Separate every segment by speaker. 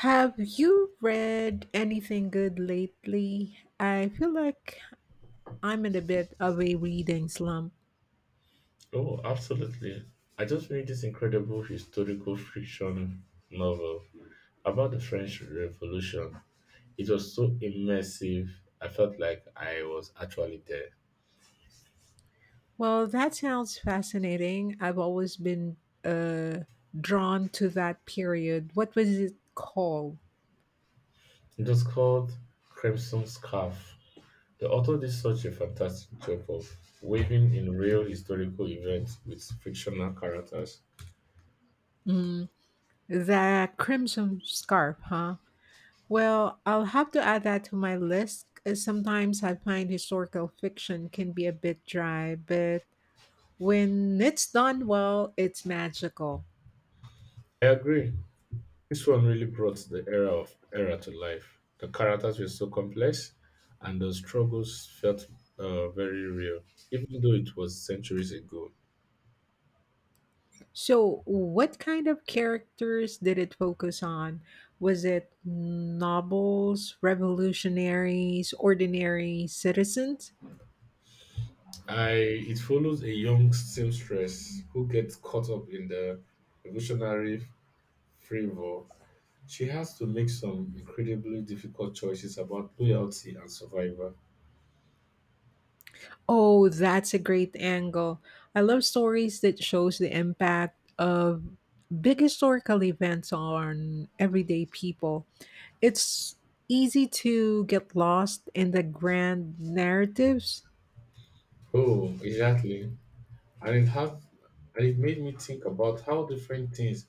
Speaker 1: Have you read anything good lately? I feel like I'm in a bit of a reading slump.
Speaker 2: Oh, absolutely. I just read this incredible historical fiction novel about the French Revolution. It was so immersive. I felt like I was actually there.
Speaker 1: Well, that sounds fascinating. I've always been uh, drawn to that period. What was it called?
Speaker 2: It was called Crimson Scarf. The author did such a fantastic job of weaving in real historical events with fictional characters.
Speaker 1: The Crimson Scarf, huh? Well, I'll have to add that to my list. 'Cause sometimes I find historical fiction can be a bit dry, but when it's done well, it's magical.
Speaker 2: I agree. This one really brought the era to life. The characters were so complex, and the struggles felt very real, even though it was centuries ago.
Speaker 1: So, what kind of characters did it focus on? Was it nobles, revolutionaries, ordinary citizens?
Speaker 2: I It follows a young seamstress who gets caught up in the revolutionary fervor. She has to make some incredibly difficult choices about loyalty and survival.
Speaker 1: Oh, that's a great angle. I love stories that shows the impact of big historical events on everyday people. It's easy to get lost in the grand narratives.
Speaker 2: Oh, exactly. And it have and it made me think about how different things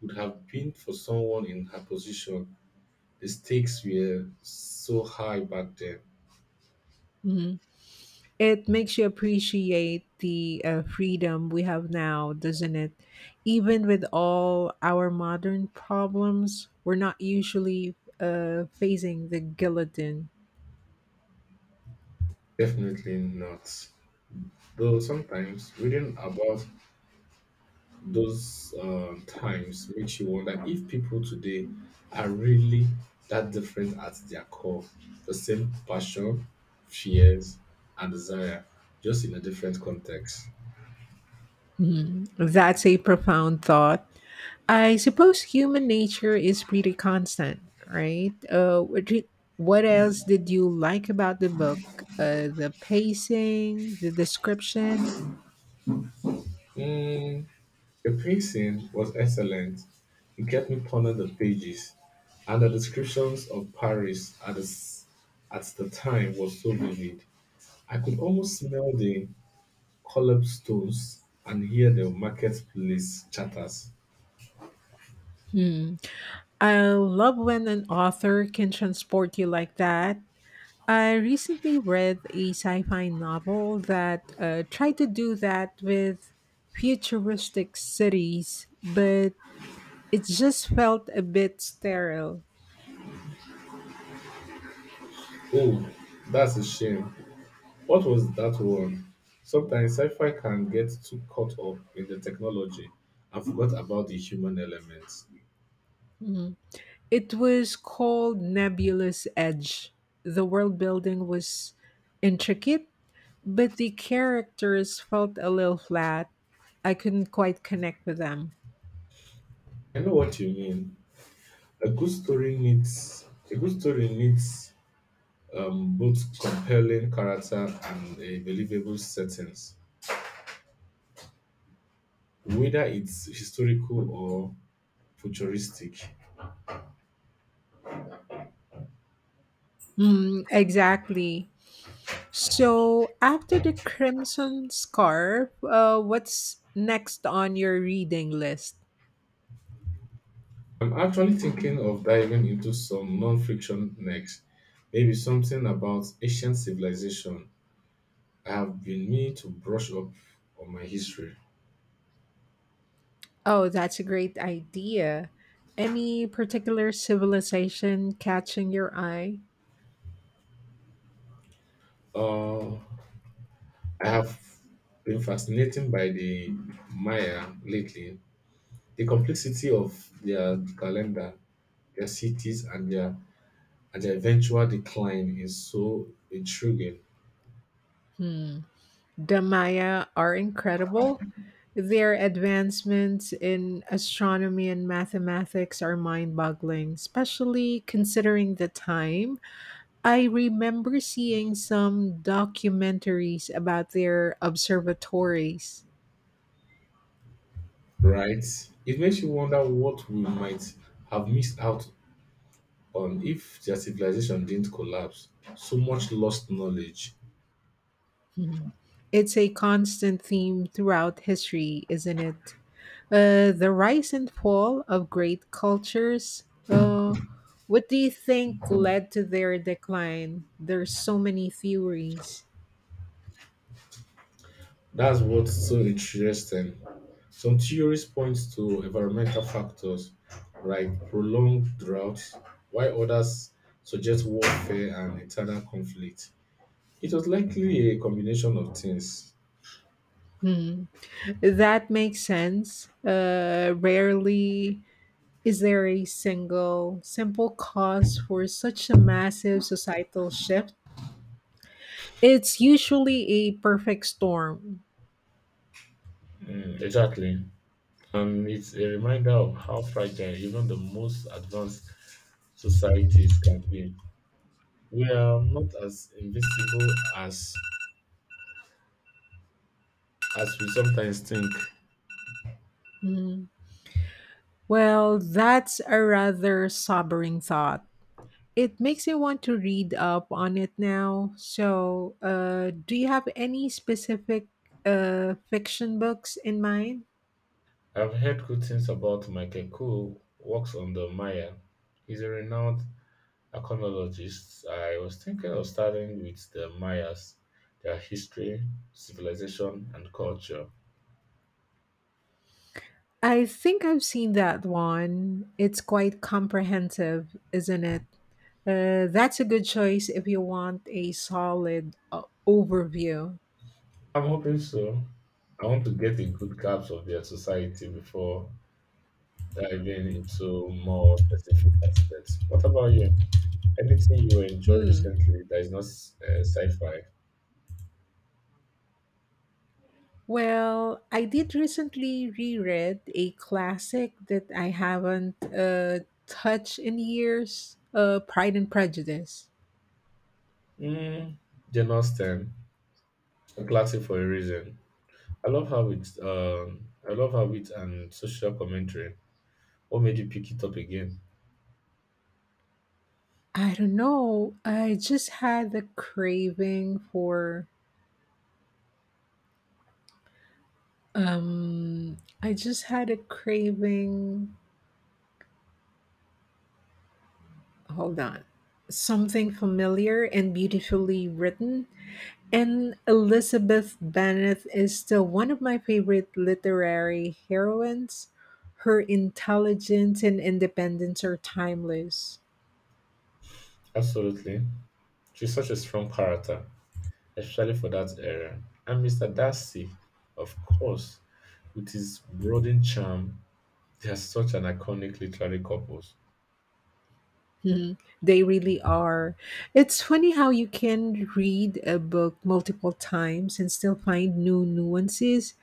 Speaker 2: would have been for someone in her position. The stakes were so high back then.
Speaker 1: Mhm. It makes you appreciate the freedom we have now, doesn't it? Even with all our modern problems, we're not usually facing the guillotine.
Speaker 2: Definitely not. Though sometimes reading about those times makes you wonder if people today are really that different at their core. The same passion, fears, and desire, just in a different context.
Speaker 1: That's a profound thought. I suppose human nature is pretty constant, right? What else did you like about the book? The pacing, the description?
Speaker 2: Hmm. The pacing was excellent. It kept me pondering the pages, and the descriptions of Paris at the, s- at the time was so vivid. I could almost smell the cobblestones and hear the marketplace chatters.
Speaker 1: Hmm. I love when an author can transport you like that. I recently read a sci fi novel that tried to do that with futuristic cities, but it just felt a bit sterile.
Speaker 2: Oh, that's a shame. What was that one? Sometimes sci-fi can get too caught up in the technology and forgot about the human elements.
Speaker 1: Mhm. It was called Nebulous Edge. The world building was intricate, but the characters felt a little flat. I couldn't quite connect with them.
Speaker 2: I know what you mean. A good story needs both compelling character and a believable settings, whether it's historical or futuristic.
Speaker 1: Mm, exactly. So after the Crimson Scarf, what's next on your reading list?
Speaker 2: I'm actually thinking of diving into some non-fiction next, maybe something about ancient civilization. I have been meaning to brush up on my history.
Speaker 1: Oh, that's a great idea. Any particular civilization catching your eye?
Speaker 2: Uh, I have been fascinated by the Maya lately, the complexity of their calendar, their cities, and the eventual decline is so intriguing,
Speaker 1: Hmm. The Maya are incredible. Their advancements in astronomy and mathematics are mind boggling, especially considering the time. I remember seeing some documentaries about their observatories.
Speaker 2: right? It makes you wonder what we might have missed out on if their civilization didn't collapse. So much lost knowledge.
Speaker 1: Mhm. It's a constant theme throughout history, isn't it? The rise and fall of great cultures. What do you think led to their decline? There's so many theories.
Speaker 2: That's what's so interesting. Some theories point to environmental factors like prolonged droughts, while others suggest warfare and internal conflict. It was likely a combination of things.
Speaker 1: Hmm. That makes sense. Rarely is there a single, simple cause for such a massive societal shift? It's usually a perfect storm.
Speaker 2: Mm, exactly. And it's a reminder of how fragile even the most advanced societies can be. We are not as invincible as we sometimes think.
Speaker 1: Mm. Well, that's a rather sobering thought. It makes me want to read up on it now. So, do you have any specific fiction books in mind?
Speaker 2: I've heard good things about Michael Cool works on the Maya. He's a renowned archaeologist. I was thinking of starting with the Mayas, their history, civilization, and culture.
Speaker 1: I think I've seen that one. It's quite comprehensive, isn't it? That's a good choice if you want a solid overview.
Speaker 2: I'm hoping so. I want to get a good grasp of their society before diving into more specific aspects. What about you? Anything you enjoyed
Speaker 1: Hmm.
Speaker 2: recently that is not sci-fi?
Speaker 1: Well, I did recently reread a classic that I haven't touched in years, Pride and Prejudice.
Speaker 2: Mm, Jane Austen, a classic for a reason. I love how it and social commentary. What made you pick it up again?
Speaker 1: I don't know. I just had a craving for. I just had a craving, hold on, something familiar and beautifully written, and Elizabeth Bennet is still one of my favorite literary heroines. Her intelligence and independence are timeless.
Speaker 2: Absolutely, she's such a strong character, especially for that era. And Mister Darcy, of course, with his brooding charm, they are such an iconic literary couple.
Speaker 1: Mhm. They really are. It's funny how you can read a book multiple times and still find new nuances.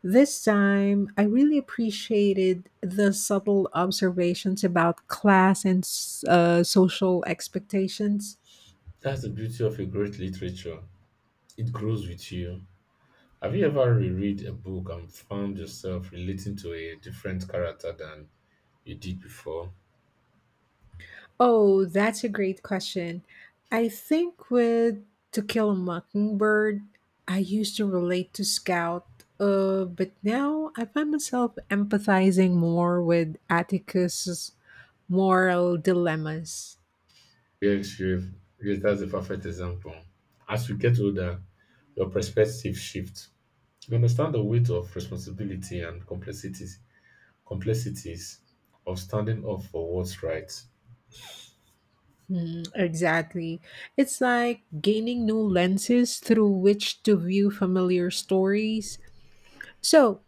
Speaker 1: This time, I really appreciated the subtle observations about class and social expectations.
Speaker 2: That's the beauty of a great literature. It grows with you. Have you ever reread a book and found yourself relating to a different character than you did before?
Speaker 1: Oh, that's a great question. I think with To Kill a Mockingbird, I used to relate to Scout, but now I find myself empathizing more with Atticus's moral dilemmas.
Speaker 2: Yes, you yes, that's a perfect example. As you get older, your perspective shifts. You understand the weight of responsibility and complexities of standing up for what's right.
Speaker 1: Mm, exactly. It's like gaining new lenses through which to view familiar stories. So,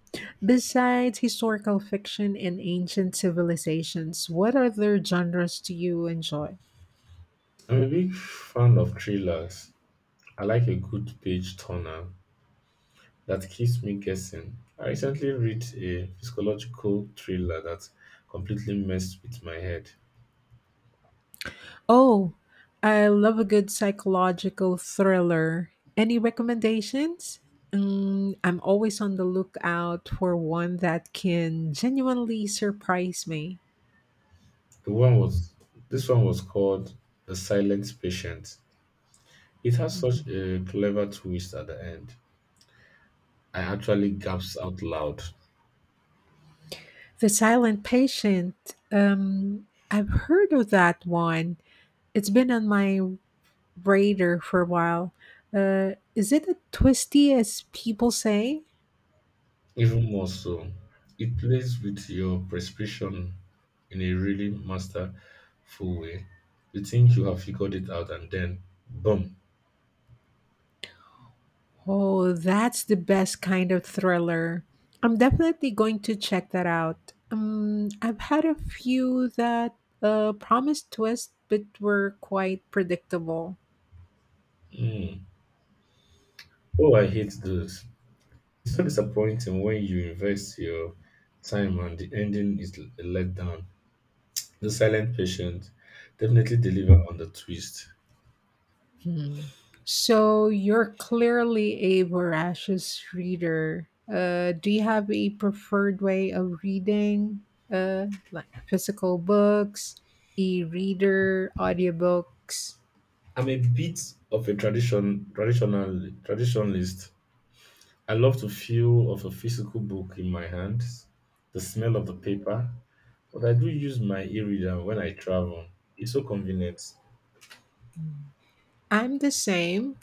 Speaker 1: besides historical fiction and ancient civilizations, what other genres do you enjoy?
Speaker 2: I'm a big fan of thrillers. I like a good page turner that keeps me guessing. I recently read a psychological thriller that completely messed with my head.
Speaker 1: Oh, I love a good psychological thriller. Any recommendations? Mm, I'm always on the lookout for one that can genuinely surprise me.
Speaker 2: The one was This one was called The Silent Patient. It has such a clever twist at the end. I actually gasps out loud.
Speaker 1: The Silent Patient. I've heard of that one. It's been on my radar for a while. Is it a twisty as people say?
Speaker 2: Even more so, it plays with your perception in a really masterful way. You think you have figured it out, and then boom!
Speaker 1: Oh, that's the best kind of thriller. I'm definitely going to check that out. I've had a few that promised twists but were quite predictable.
Speaker 2: Mm. Oh, I hate those. It's so disappointing when you invest your time and the ending is a letdown. The silent patient definitely deliver on the twist.
Speaker 1: Hmm. So you're clearly a voracious reader. Do you have a preferred way of reading, like physical books, e-reader, audiobooks?
Speaker 2: I'm a bit of a traditionalist. I love to feel of a physical book in my hands, the smell of the paper, but I do use my e-reader when I travel. It's so convenient.
Speaker 1: Hmm. I'm the same.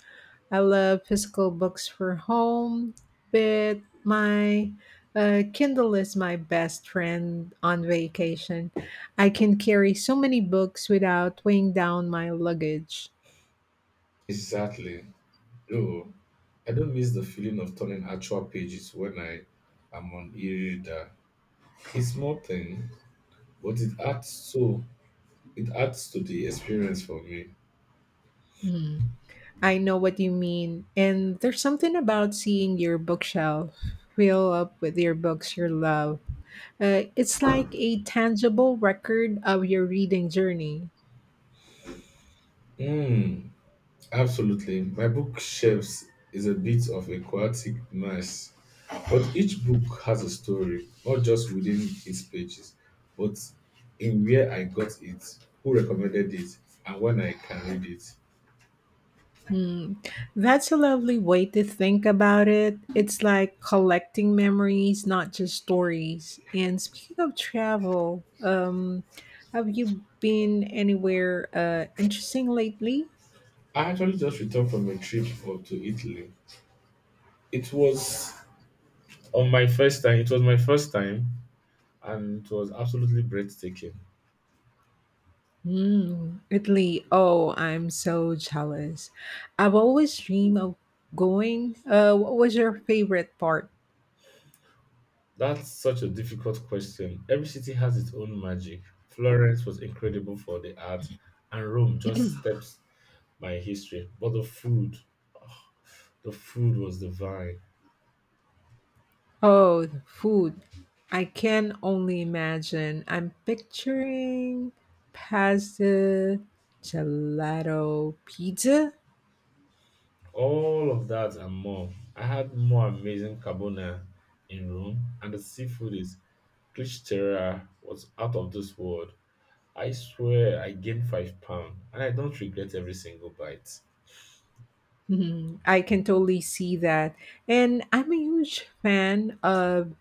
Speaker 1: I love physical books for home, but my Kindle is my best friend on vacation. I can carry so many books without weighing down my luggage.
Speaker 2: Exactly. Though I don't miss the feeling of turning actual pages when I am on e-reader. It's small thing, but it adds so It adds to the experience for me.
Speaker 1: Mm, I know what you mean. And there's something about seeing your bookshelf fill up with your books you love. It's like a tangible record of your reading journey.
Speaker 2: Mm, absolutely. My bookshelves is a bit of a chaotic mess, but each book has a story, not just within its pages, but in where I got it, who recommended it, and when I can read it.
Speaker 1: Hmm. That's a lovely way to think about it. It's like collecting memories, not just stories. And speaking of travel, have you been anywhere interesting lately?
Speaker 2: I actually just returned from a trip up to Italy. It was on my first time. It was my first time, and it was absolutely breathtaking.
Speaker 1: Hmm. Italy. Oh, I'm so jealous. I've always dreamed of going. What was your favorite part?
Speaker 2: That's such a difficult question. Every city has its own magic. Florence was incredible for the art, and Rome just steps my history. But the food was divine.
Speaker 1: Oh, the food. I can only imagine. I'm picturing pasta, gelato, pizza.
Speaker 2: All of that and more. I had more amazing carbonara in Rome, and the seafood is Clichterra was out of this world. I swear I gained 5 pounds, and I don't regret every single bite.
Speaker 1: Mhm. I can totally see that. And I'm a huge fan of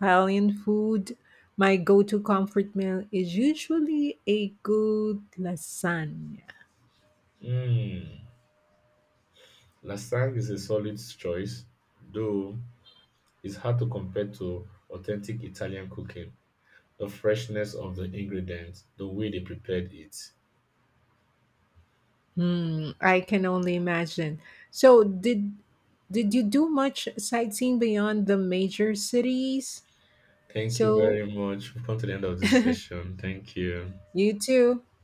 Speaker 1: Italian food. My go to comfort meal is usually a good lasagna.
Speaker 2: Mmm, Lasang is a solid choice, though it's hard to compare to authentic Italian cooking. The freshness of the ingredients, the way they prepared it.
Speaker 1: Hmm, I can only imagine. So, did you do much sightseeing beyond the major cities?
Speaker 2: Thank you
Speaker 1: So,
Speaker 2: very much. We've come to the end of this session. Thank you.
Speaker 1: you too. Have a